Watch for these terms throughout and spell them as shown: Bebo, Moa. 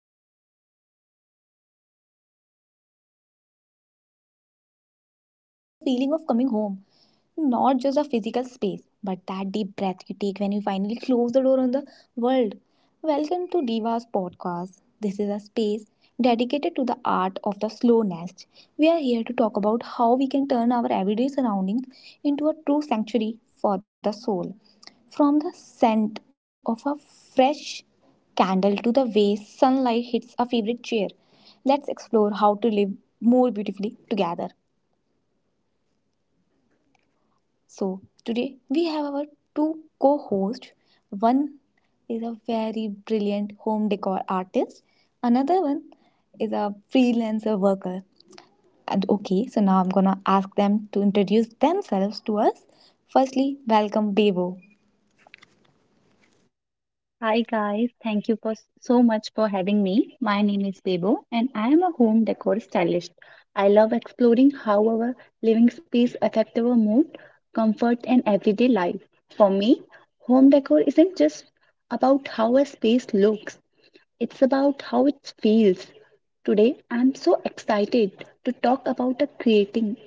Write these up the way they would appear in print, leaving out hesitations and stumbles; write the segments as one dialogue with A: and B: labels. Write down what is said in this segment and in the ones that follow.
A: Hi guys, this is Dua. For today, just close your eyes for a second and think about the feeling of coming home. Not just a physical space, but that deep breath you take when you finally close the door on the world. Welcome to Diva's podcast. This is a space dedicated to the art of the slow nest. We are here to talk about how we can turn our everyday surroundings into a true sanctuary for the soul. From the scent of a fresh candle to the way sunlight hits a favorite chair, let's explore how to live more beautifully together. So, today we have our two co hosts. One is a very brilliant home decor artist, another one is a freelancer worker. And okay, so now I'm gonna ask them to introduce themselves to us. Firstly, welcome Bebo.
B: Hi guys, thank you for so much for having me. My name is Bebo and I am a home decor stylist. I love exploring how our living space affect our mood, comfort and everyday life. For me, home decor isn't just about how a space looks, it's about how it feels. Today, I'm so excited to talk about a creating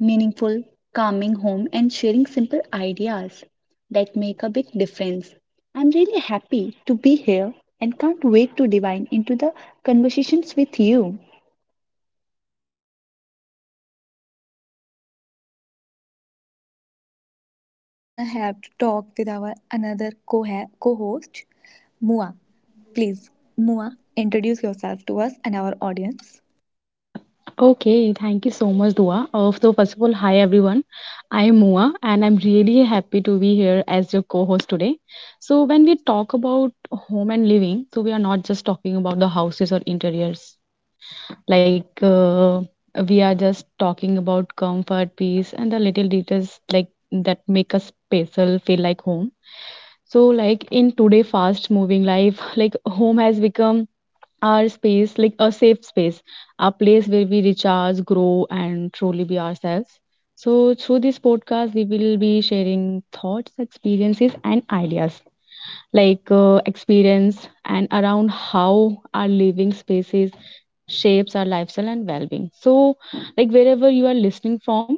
B: meaningful, coming home and sharing simple ideas that make a big difference. I'm really happy to be here and can't wait to dive into the conversations with you.
A: So welcome to you, Bebo, to our show. Now we're gonna have to talk with our another co host, Mua. Please, Mua, introduce yourself to us and our audience.
C: Okay, thank you so much, Dua. First of all, hi everyone. I'm Mua, and I'm really happy to be here as your co host today. So, when we talk about home and living, so we are not just talking about the houses or interiors. Like, uh, we are just talking about comfort, peace, and the little details like that make us special, feel like home. So, like in today fast moving life, like home has become our space, like a safe space, a place where we recharge, grow, and truly be ourselves. So, through this podcast, we will be sharing thoughts, experiences, and ideas like experience and around how our living spaces shapes our lifestyle and well-being. So, like wherever you are listening from,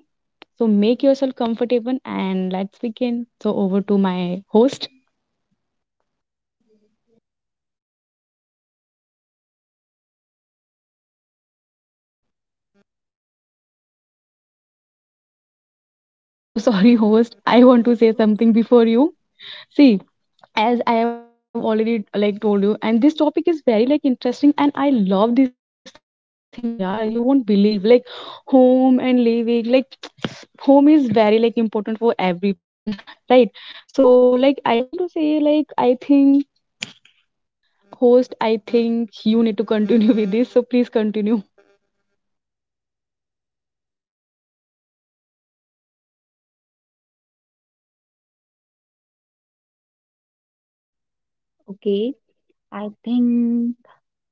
C: so make yourself comfortable and let's begin. So, over to my host.
A: Okay, so nice of you. So welcome to you. So today we have a new topic for us.
C: Okay, so sorry, host. I want to say something before you. See, as I have already like told you, and this topic is very like interesting, and I love this thing, yeah. You won't believe, like home and living, like home is very like important for everyone, right? So, like I want to say, like I think host, I think you need to continue with this, so please continue.
A: Yeah, yeah. So nice. I can see that you both are so excited to talk about this. Okay,
B: Okay,
A: so for the
B: I think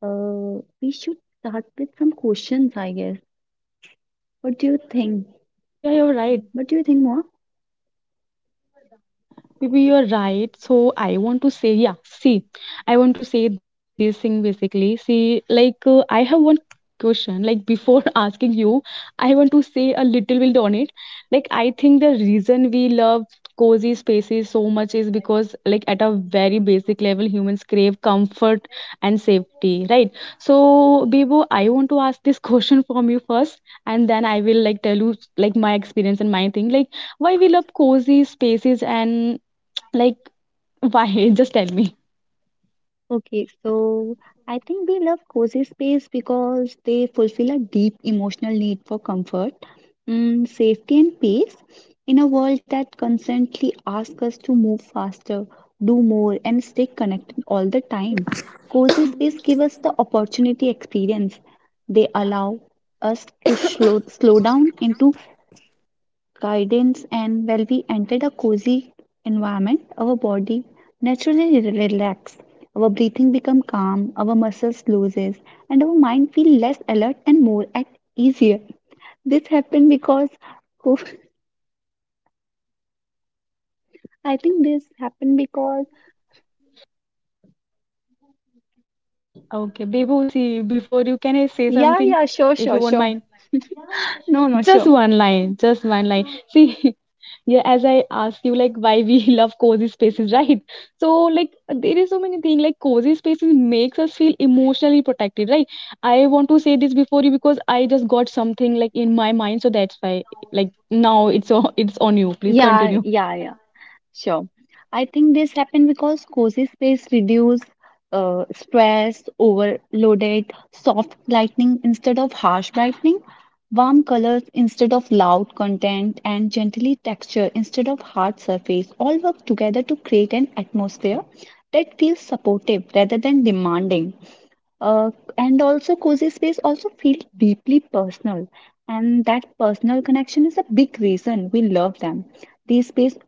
B: we should start with some questions, I guess. What do you think?
C: Yeah, you're right.
B: What do you think, Moa?
C: Maybe you're right. So I want to say, yeah, see, I want to say this thing basically. See, I have one question. Like before asking you, I want to say a little bit on it. Like I think the reason we love cozy spaces so much is because, like at a very basic level, humans crave comfort and safety, right? So, Bibo, I want to ask this question from you first, and then I will like tell you like my experience and my thing. Like why we love cozy spaces and like, why? Just tell me.
B: Okay, so I think we love cozy space because they fulfill a deep emotional need for comfort, safety, and peace in a world that constantly asks us to move faster, do more, and stay connected all the time. Cozy space give us the opportunity experience. They allow us to slow down into guidance, and when we entered a cozy environment, our body naturally relaxes. Our breathing becomes calm, our muscles looses, and our mind feels less alert and more at easier. This happened because I think this happened because
C: Okay, Bebo, see, before you can I say something, if you
B: yeah,
C: won't
B: yeah,
C: mind?
B: sure, sure, sure.
C: Just one
B: No, no,
C: line,
B: sure.
C: just one line. See, yeah, as I asked you, like, why we love cozy spaces, right? So, like, there is so many things, like, cozy spaces makes us feel emotionally protected, right? I want to say this before you because I just got something, like, in my mind, so that's why, like, now it's on you. Please continue.
B: Yeah, yeah, yeah. Sure. I think this happened because cozy space reduce stress, overloaded, soft lighting instead of harsh brightening, warm colors instead of loud content, and gently texture instead of hard surface all work together to create an atmosphere that feels supportive rather than demanding. Uh, and also, cozy space also feels deeply personal, and that personal connection is a big reason we love them. These spaces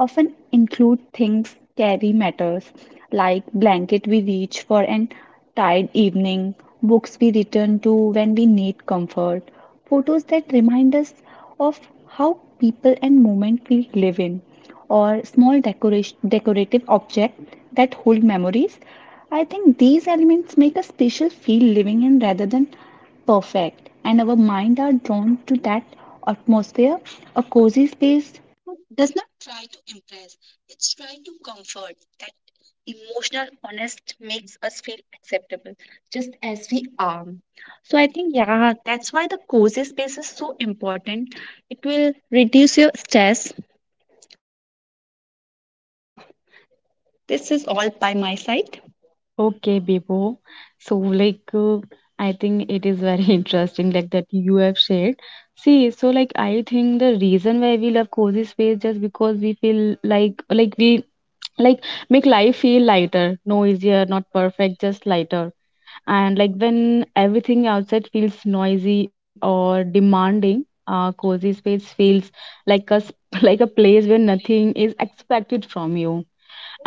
B: often include things carry matters, like blanket we reach for an tired evening, books we return to when we need comfort, photos that remind us of how people and moment we live in or small decoration, decorative objects that hold memories. I think these elements make a special feel living in rather than perfect, and our mind are drawn to that atmosphere. A cozy space does not try to impress; it's trying to comfort. That emotional honest makes us feel acceptable, just as we are. So I think yeah, that's why the cozy space is so important. It will reduce your stress. So yeah. This is all by my side.
C: Okay, Bibo. So, I think it is very interesting, like that you have shared. See, so like, I think the reason why we love cozy space just because we feel like we like make life feel lighter noisier not perfect just lighter and like when everything outside feels noisy or demanding cozy space feels like a like a place where nothing is expected from you,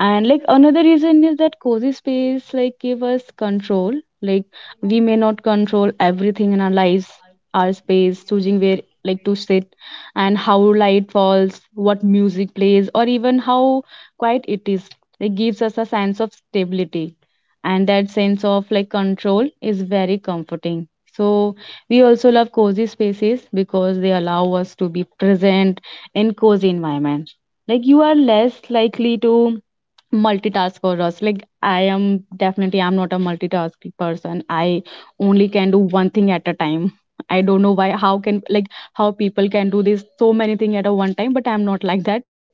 C: and like another reason is that cozy space like give us control, like we may not control everything in our lives, our space choosing where like to sit and how light falls, what music plays or even how quiet it is. It gives us a sense of stability, and that sense of like control is very comforting. So we also love cozy spaces because they allow us to be present in cozy environment, like you are less likely to multitask or us like I am definitely. I'm not a multitasking person. I only can do one thing at a time. I don't know why how can like how people can do this so many things at a one time, but I'm not like that.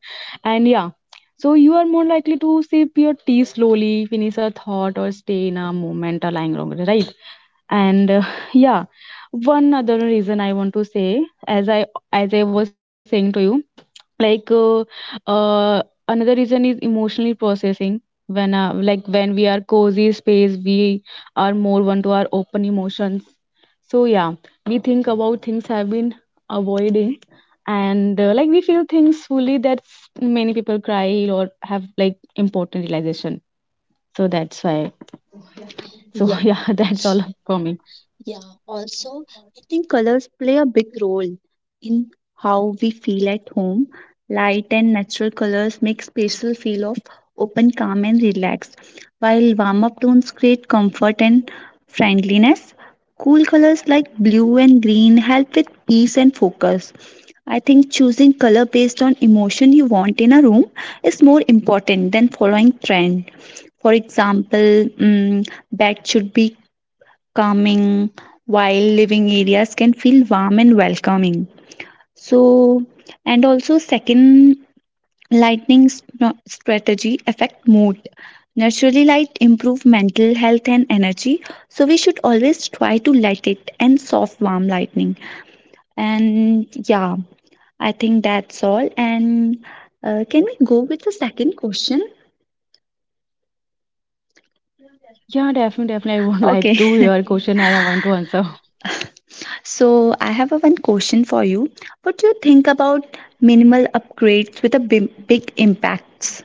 C: And yeah, so you are more likely to sip your tea slowly, finish a thought, or stay in a moment lying longer, right? And yeah, one other reason I want to say, as I was saying to you, like uh, uh, another reason is emotionally processing. When like when we are cozy space, we are more one to our open emotions. So yeah, we think about things have been avoiding, and like we feel things fully that many people cry or have like important realization, so that's why so yeah that's all for me.
B: Yeah, also, I think colors play a big role in how we feel at home. Light and natural colors make spaces feel of open, calm, and relaxed, while warm up tones create comfort and friendliness. Cool colors like blue and green help with peace and focus. I think choosing color based on emotion you want in a room is more important than following trend. For example, bed should be calming, while living areas can feel warm and welcoming. So, and also, second, strategy affect mood. Naturally, light improve mental health and energy. So we should always try to light it and soft warm lightning. And yeah, I think that's all. And Can we go with the second question?
C: Yeah, definitely, I would
B: Okay.
C: like to hear question and I want to answer.
B: So, I have a one question for you. What do you think about minimal upgrades with a big impacts?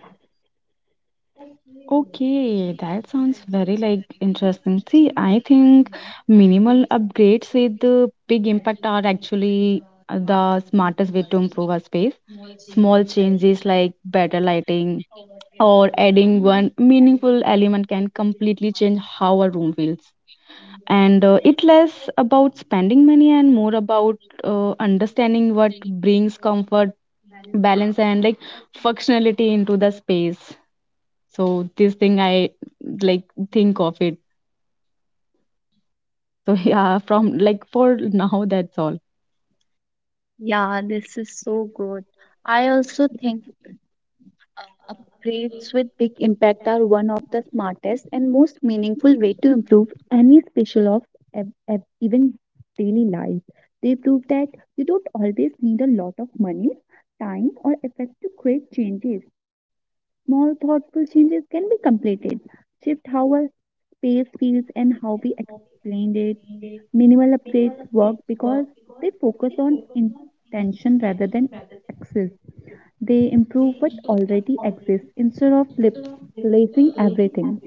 C: Okay, that sounds very like interesting. See, I think minimal upgrades with the big impact are actually the smartest way to improve our space. Small changes like better lighting, or adding one meaningful element can completely change how a room feels, and it less about spending money and more about understanding what brings comfort, balance and like functionality into the space. So this thing I like think of it. So yeah, from like for now that's all.
B: Yeah, this is so good. I also think upgrades with big impact are one of the smartest and most meaningful way to improve any special of even daily life. They prove that you don't always need a lot of money, time, or effort to create changes. Small, thoughtful changes can be completed. Shift how a space feels and how we explained it. Minimal upgrades work because they focus on intention rather than access. They improve what already exists instead of replacing everything.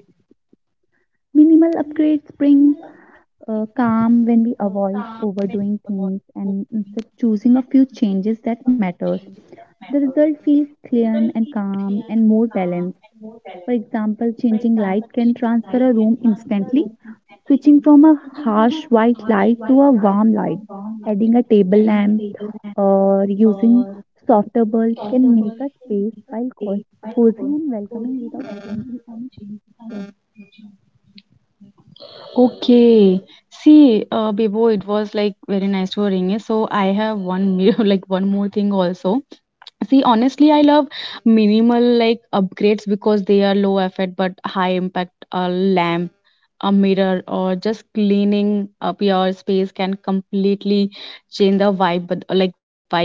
B: Minimal upgrades bring calm when we avoid overdoing things and instead choosing a few changes that matters. The result feels clear and calm and more balanced. For example, changing light can transfer a room instantly switching from a harsh white light to a warm light, adding a table lamp, or using softer bulbs can make a space feel cozy and welcoming without changing any structure.
C: Okay. See, Bebo, it was like very nice to ring. So I have one, like one more thing also. See, honestly, I love minimal like upgrades because they are low effort but high impact. A lamp, a mirror, or just cleaning up your space can completely change the vibe, but like vibe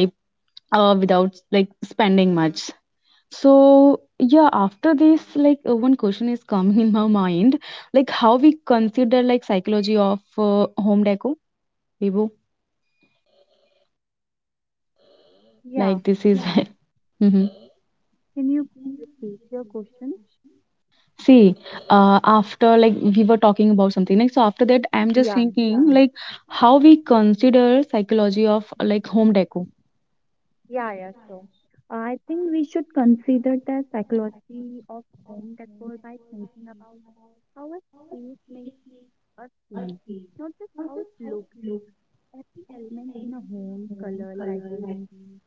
C: without like spending much. So yeah, after this, like one question is coming in my mind, like how we consider like psychology of home deco, Bibu. Like
B: Yeah,
C: this is. Mhm.
B: can you
C: See, after like we were talking about something, like so after that, I'm just thinking like how we consider psychology of like home deco.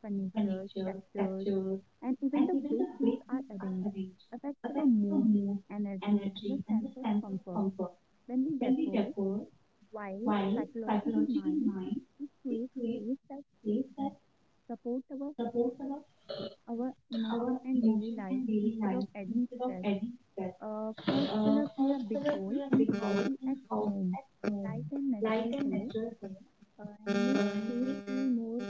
B: pictures, textures, and even the way things are arranged affects our mood, energy, and the sense of comfort. When we decor, while psychologically mind, we create space that supports our emotion and daily life instead of adding stress. First, color play a big role in how we at home. Light and natural color and make space feel more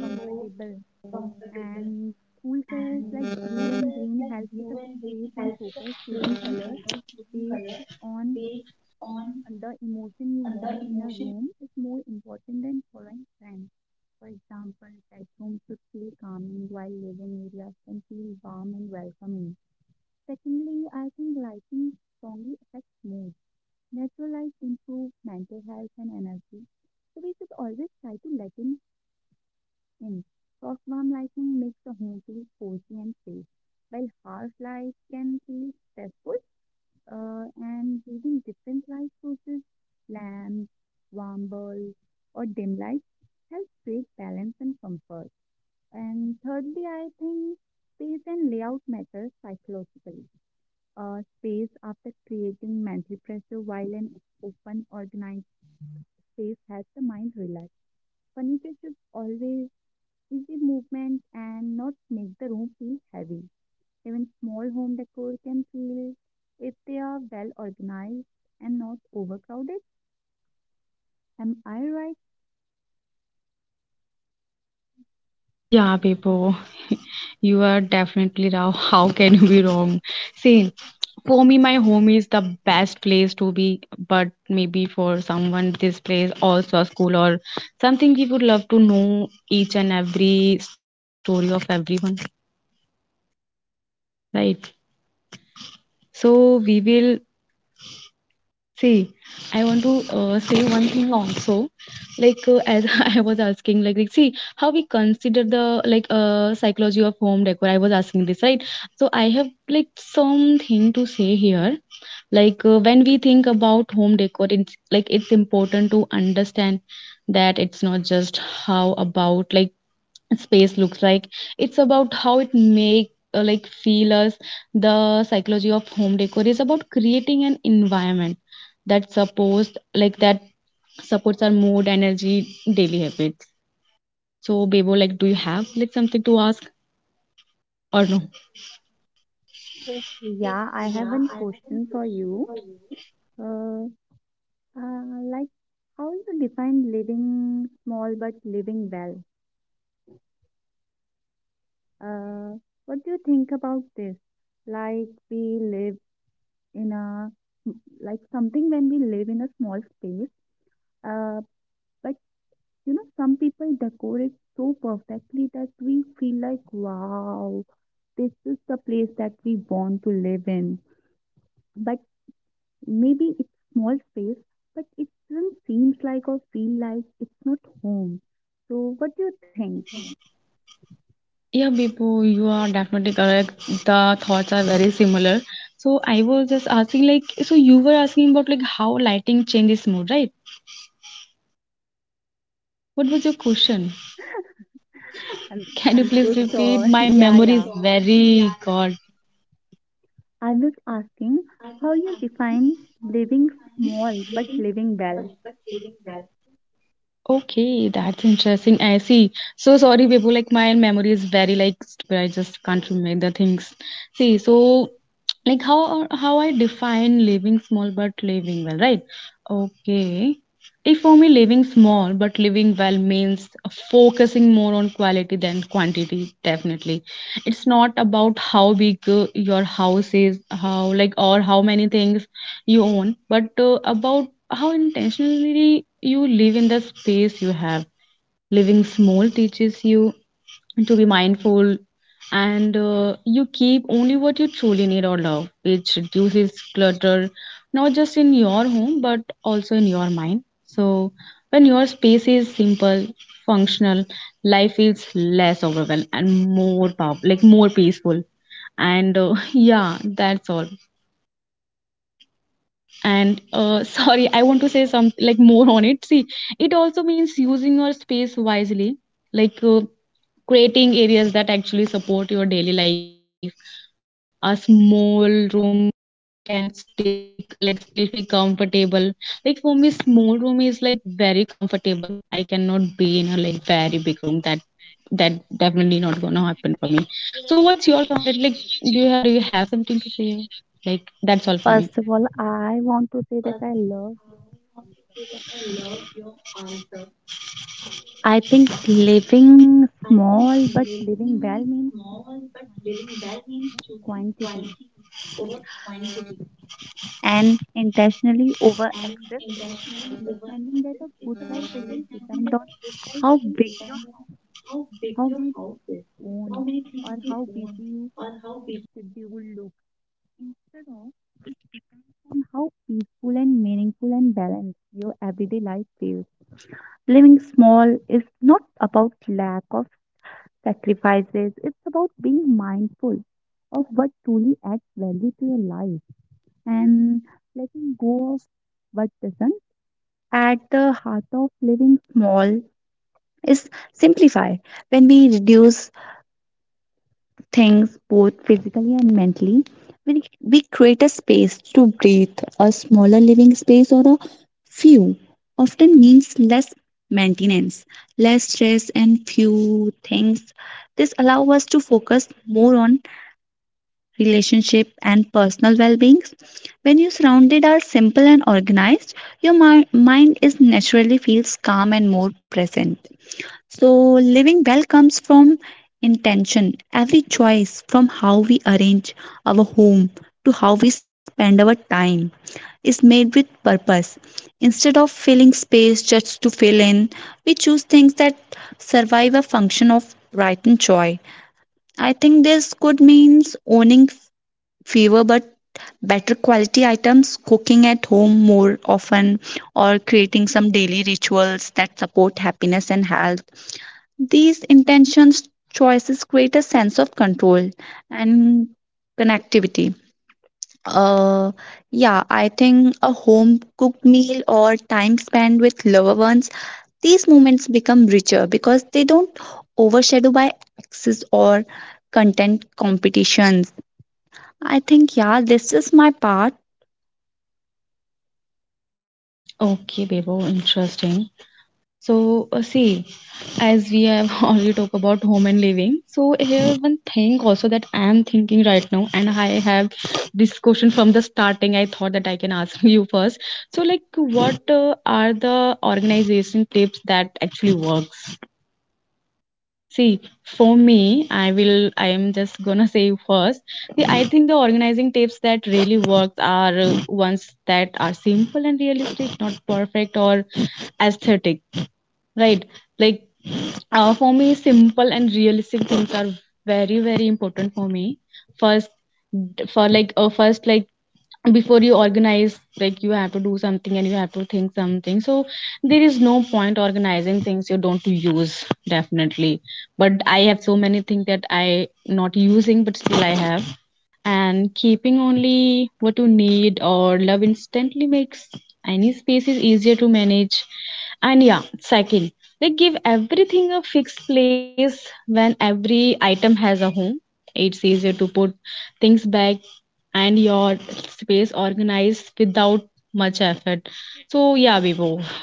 B: comfortable. And cool colors like blue and green help with the place and focus. Choosing colors based on the emotion you want in a room is more important than following trends. For example, bedrooms should feel calming while living areas can feel warm and welcoming. Secondly, I think lighting strongly. Natural light improves mental health and energy, so we should always try to let in in. Soft warm lighting makes the home feel cozy and safe, while harsh light can feel stressful. And using different light sources, lamps, warm bulbs, or dim lights helps create balance and comfort. And thirdly, I think space and layout matter psychologically. Space after creating mental pressure, while an open, organized space helps the mind relax. Furniture should always easy movement and not make the room feel heavy. Even small home decor can feel if they are well organized and not overcrowded. Am I right?
C: Yeah, Bebo, you are definitely wrong. How can you be wrong? See, for me, my home is the best place to be, but maybe for someone, this place also a school or something. We would love to know each and every story of everyone, right? So we will. See, I want to say one thing also, as I was asking, like, see how we consider the like psychology of home decor. I was asking this, right? So I have like something to say here. When we think about home decor, it's like it's important to understand that it's not just how about like space looks like, it's about how it make like feel us. The psychology of home decor is about creating an environment that supports our mood energy daily habits. So Bebo, like do you have like something to ask or no?
B: But you know, some people decorate so perfectly that we feel like, wow, this is the place that we want to live in. But maybe it's small space, but it doesn't seem like or feel like it's not home. So, what do you think?
C: Yeah, Bebo, you are definitely correct. The thoughts are very similar. So I was just asking like so you were asking about like how lighting changes mood, right? What was your question? Can you please repeat? My memory is very god. Okay, that's interesting. I see. So sorry, people. Like my memory is very like stupid. I just can't remember the things. See, so like how I define living small but living well, right? Okay. If for me, living small but living well means focusing more on quality than quantity, definitely. It's not about how big your house is, how like, or how many things you own, but about how intentionally you live in the space you have. Living small teaches you to be mindful, and you keep only what you truly need or love, which reduces clutter not just in your home but also in your mind. So when your space is simple, functional, life feels less overwhelmed and more powerful, like more peaceful. And yeah, that's all. And sorry, I want to say some like more on it. See, it also means using your space wisely, like creating areas that actually support your daily life. A small room can still be like still be comfortable. Like for me small room is like very comfortable. I cannot be in a like very big room. That definitely not gonna happen for me. So what's your thought on it? Like do you have something to say? Like that's all for me.
B: First of all, I want to say that I love. I think living small but living well means choosing quantity and intentionally over excess. It's understanding that a good life doesn't depend on how big your, how many you own, or how busy your schedule will look. Instead of on how peaceful and meaningful and balanced your everyday life feels. Living small is not about lack of sacrifices. It's about being mindful of what truly adds value to your life and letting go of what doesn't. At the heart of living small is simplify. When we reduce things both physically and mentally, we create a space to breathe. A smaller living space or a few often means less maintenance, less stress, and few things. This allows us to focus more on relationship, and personal well being. When your surroundings are simple and organized, your mind is naturally feels calm and more present. So, living well comes from intention. Every choice, from how we arrange our home to how we spend our time, is made with purpose. Instead of filling space just to fill in, we choose things that survive a function of right and joy. I think this could means owning fewer but better quality items, cooking at home more often, or creating some daily rituals that support happiness and health. These intentions choices create a sense of control and connectivity. Uh, yeah, I think a home cooked meal or time spent with loved ones, these moments become richer because they don't overshadow by access or content competitions. I think, yeah, this is my part.
C: Okay Bebo, interesting. So, see, as we have already talked about home and living, so here one thing also that I am thinking right now, and I have this question from the starting. I thought that I can ask you first. So, like, what are the organization tips that actually works? See, for me, I will. I am just gonna say first. See, I think the organizing tips that really works are ones that are simple and realistic, not perfect or aesthetic, right. Like for me, simple and realistic things are very very important for me. First, for like first, like before you organize, like you have to do something and you have to think something. So there is no point organizing things you don't use, definitely. But I have so many things that I not using, but still I have. And keeping only what you need or love instantly makes any spaces easier to manage. And yeah, second, they give everything a fixed place. When every item has a home. It's easier to put things back and your space organized without much effort. So yeah, Bebo,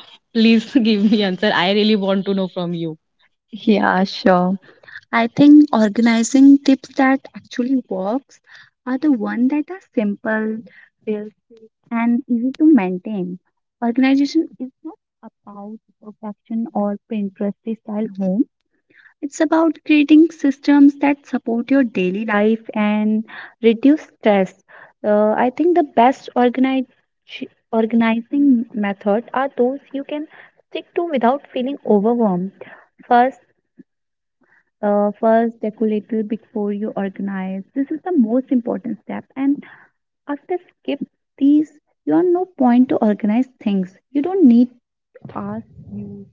C: please give me answer. I really want to know from you.
B: Yeah, sure. I think organizing tips that actually works are the one that are simple, real, and easy to maintain. Organization is not about perfection or Pinteresty style home. It's about creating systems that support your daily life and reduce stress. I think the best organizing method are those you can stick to without feeling overwhelmed. First, first, check a little before you organize. This is the most important step. And after skip these, you are no point to organize things. You don't need to ask you.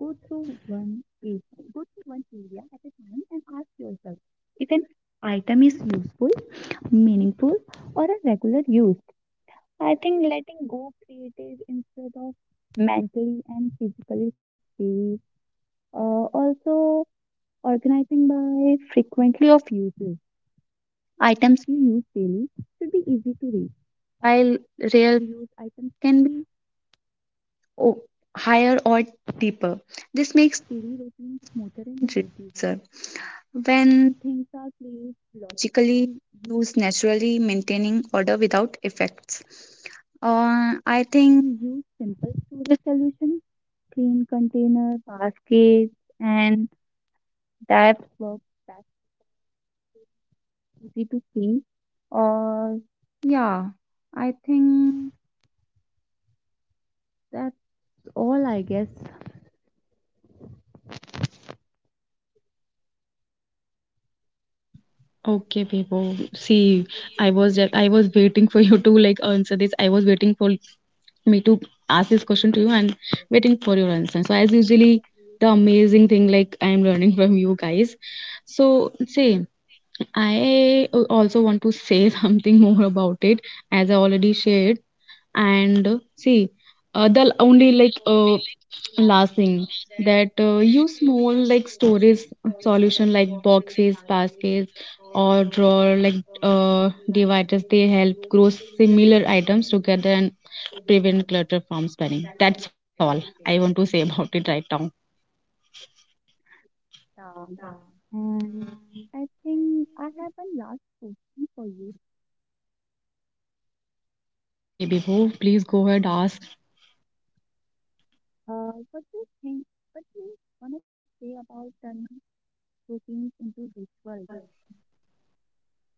B: Go through one page. Go through one area at a time and ask yourself if an item is useful, meaningful, or a regular use. I think letting go creative instead of mentally and physically space. Also, organizing by frequently of uses. Items we use daily should be easy to read, while rare use items can be o- higher or deeper. This makes daily routine smoother and reducer. When things are placed logically, used naturally, maintaining order without effects. I think use simple storage solutions, clean container, baskets, and that work that's easy to see. Or yeah, I think that. All, I guess.
C: Okay, Bebo. See, I was waiting for you to like answer this. I was waiting for me to ask this question to you and waiting for your answer. So as usually the amazing thing, like I am learning from you guys. So same. I also want to say something more about it as I already shared. And see, the only like last thing that use small like storage solution, like boxes, baskets, or drawer like dividers. They help grow
B: Yeah.
C: similar
B: And
C: items together and prevent clutter from spreading. That's all I want to say about it right now.
B: I think I have one last question for you.
C: Okay, Bibo, please go ahead ask.
B: What do you think? What do you want to say about turning routines into rituals?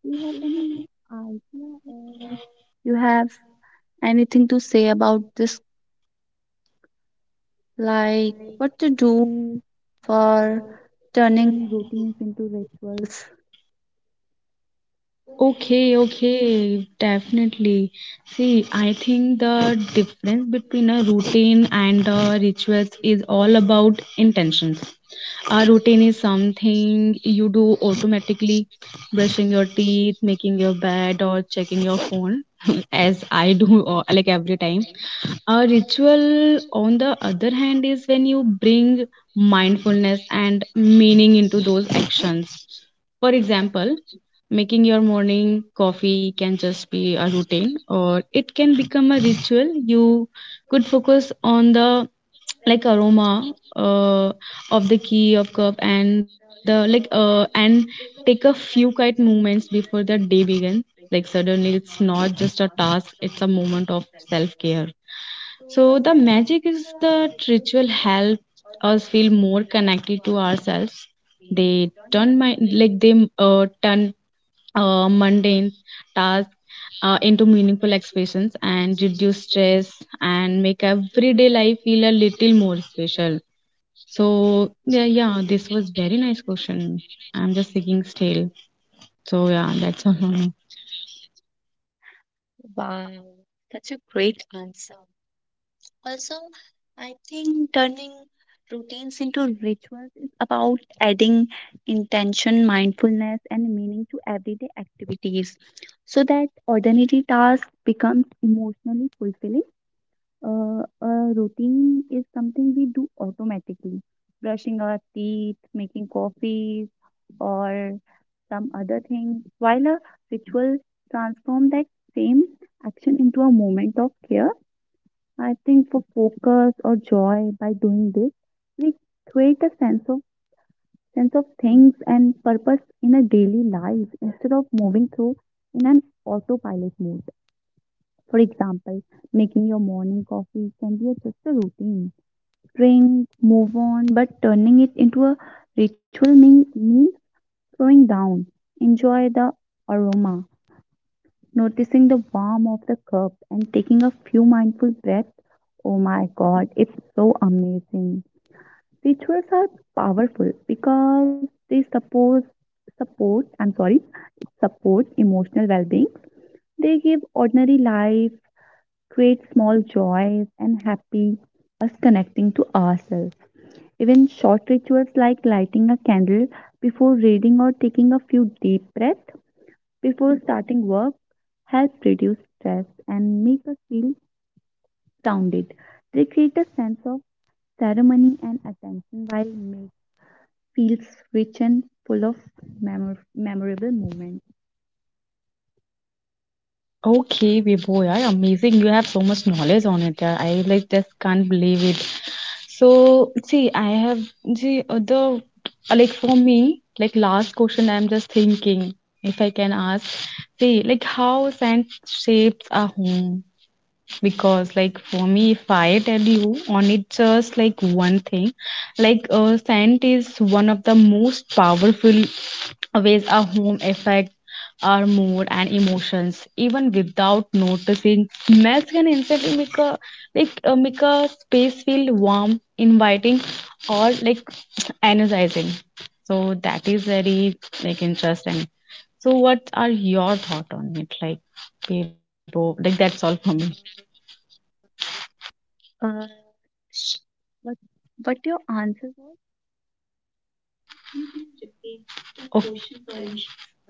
B: Do you have any idea or you have anything to say about this? Like what to do for turning routines into rituals?
C: Okay, okay, definitely. See, I think the difference between a routine and a rituals is all about intentions. A routine is something you do automatically, brushing your teeth, making your bed, or checking your phone, as I do, like every time. A ritual, on the other hand, is when you bring mindfulness and meaning into those actions. For example, making your morning coffee can just be a routine, or it can become a ritual. You could focus on the like aroma of the key of cup and and take a few quiet moments before the day begins. Like suddenly it's not just a task, it's a moment of self care. So the magic is that ritual help us feel more connected to ourselves. They turn my like they turn mundane tasks into meaningful expressions and reduce stress and make everyday life feel a little more special. So yeah, yeah, this was very nice question. I'm just thinking still. So yeah, that's all from me.
B: Wow, that's a great answer. Also, I think turning routines into rituals is about adding intention, mindfulness, and meaning to everyday activities so that ordinary tasks becomes emotionally fulfilling. A routine is something we do automatically, brushing our teeth, making coffees, or some other things, while a ritual transforms that same action into a moment of care. I think for focus or joy by doing this, we create a sense of things and purpose in a daily life instead of moving through in an autopilot mode. For example, making your morning coffee can be a- just a routine. Drink, move on, but turning it into a means slowing down. Enjoy the aroma, noticing the warmth of the cup and taking a few mindful breaths. Oh my god, it's so amazing. Rituals are powerful because they support I'm sorry, support emotional well-being. They give ordinary life, create small joys and happy us connecting to ourselves. Even short rituals like lighting a candle before reading or taking a few deep breaths before starting work help reduce stress and make us feel grounded. They create a sense of ceremony and attention while making feels rich and full of memorable moments.
C: Okay, Vibhu, yeah, amazing. You have so much knowledge on it. Yeah. I like just can't believe it. So, see, I have the other like for me, like last question, I'm just thinking if I can ask. See, like how sand shapes a home. Because like for me, if I tell you on it, just like one thing, like scent is one of the most powerful ways a home affect our mood and emotions. Even without noticing, smells can instantly make a like make a space feel warm, inviting, or like energizing. So that is very like interesting. So what are your thought on it? Like people, like that's all for me.
B: Uh, but but your answer was
C: Okay.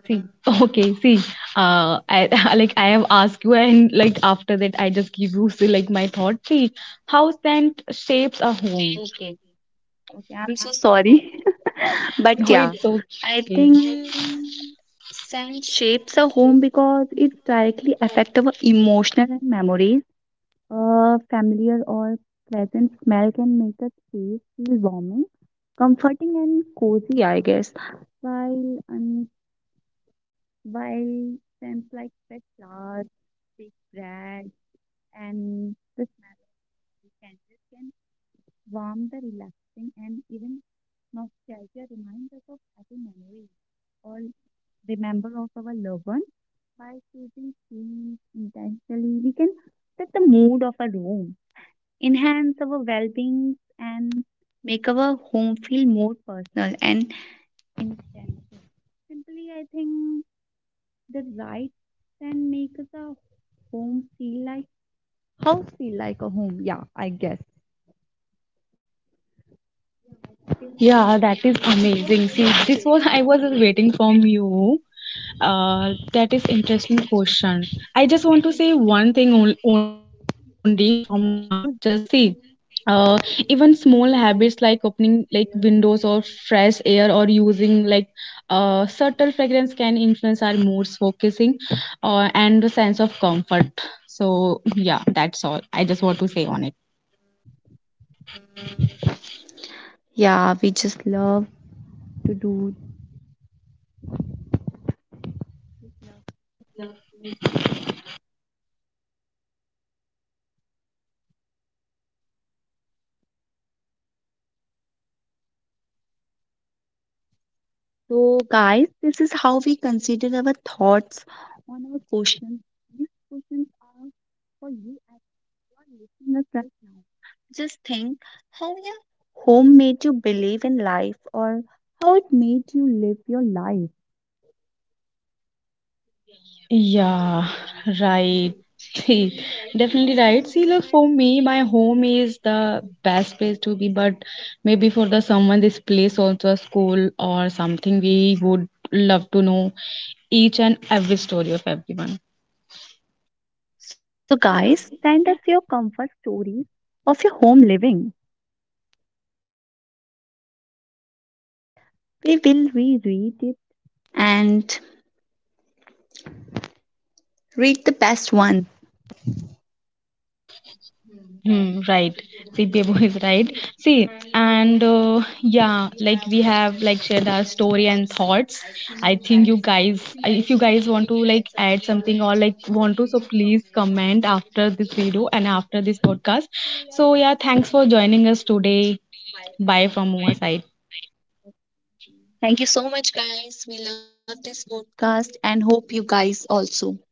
C: See, okay, see, I like I have asked you, and like after that, I just give you see, like my thought. See, how scent shapes a home.
B: okay. I'm so sorry, but
C: No,
B: yeah,
C: it's okay.
B: I think scent shapes a home because it directly affects our emotional and memories. A familiar or pleasant smell can make a warming, comforting, and cozy. I guess. I love our loved one by choosing things intentionally. We can set the mood of a room, enhance our well being, and make our home feel more personal and intensive. Simply, I think the right and make the home feel like,
C: Yeah, that is amazing. See, this was I was waiting from you. That is interesting question. I just want to say one thing on- only from now. Just see, uh, even small habits like opening like windows or fresh air or using like subtle fragrance can influence our moods, focusing, and the sense of comfort. So yeah, that's all. I just want to say on it.
B: yeah, we just love to do. So, guys, this is how we consider our thoughts on our questions. These questions are for you as well, listeners. Like, just think how your home made you believe in life or how it made you live your life.
C: Yeah, right. See, definitely right. See, look, for me, my home is the best place to be, but maybe for the someone, this place also a school or something. We would love to know each and every story of everyone.
B: So, guys, send us your comfort stories of your home living. We Will- We will reread it and read the best one.
C: Hmm, right. See, Bebo is right. See, and yeah, like we have like shared our story and thoughts. I think you guys, if you guys want to like add something or like want to, so please comment after this video and after this podcast. So yeah, thanks for joining us today. Bye from our side.
B: Thank you so much, guys. We love this podcast and hope you guys also.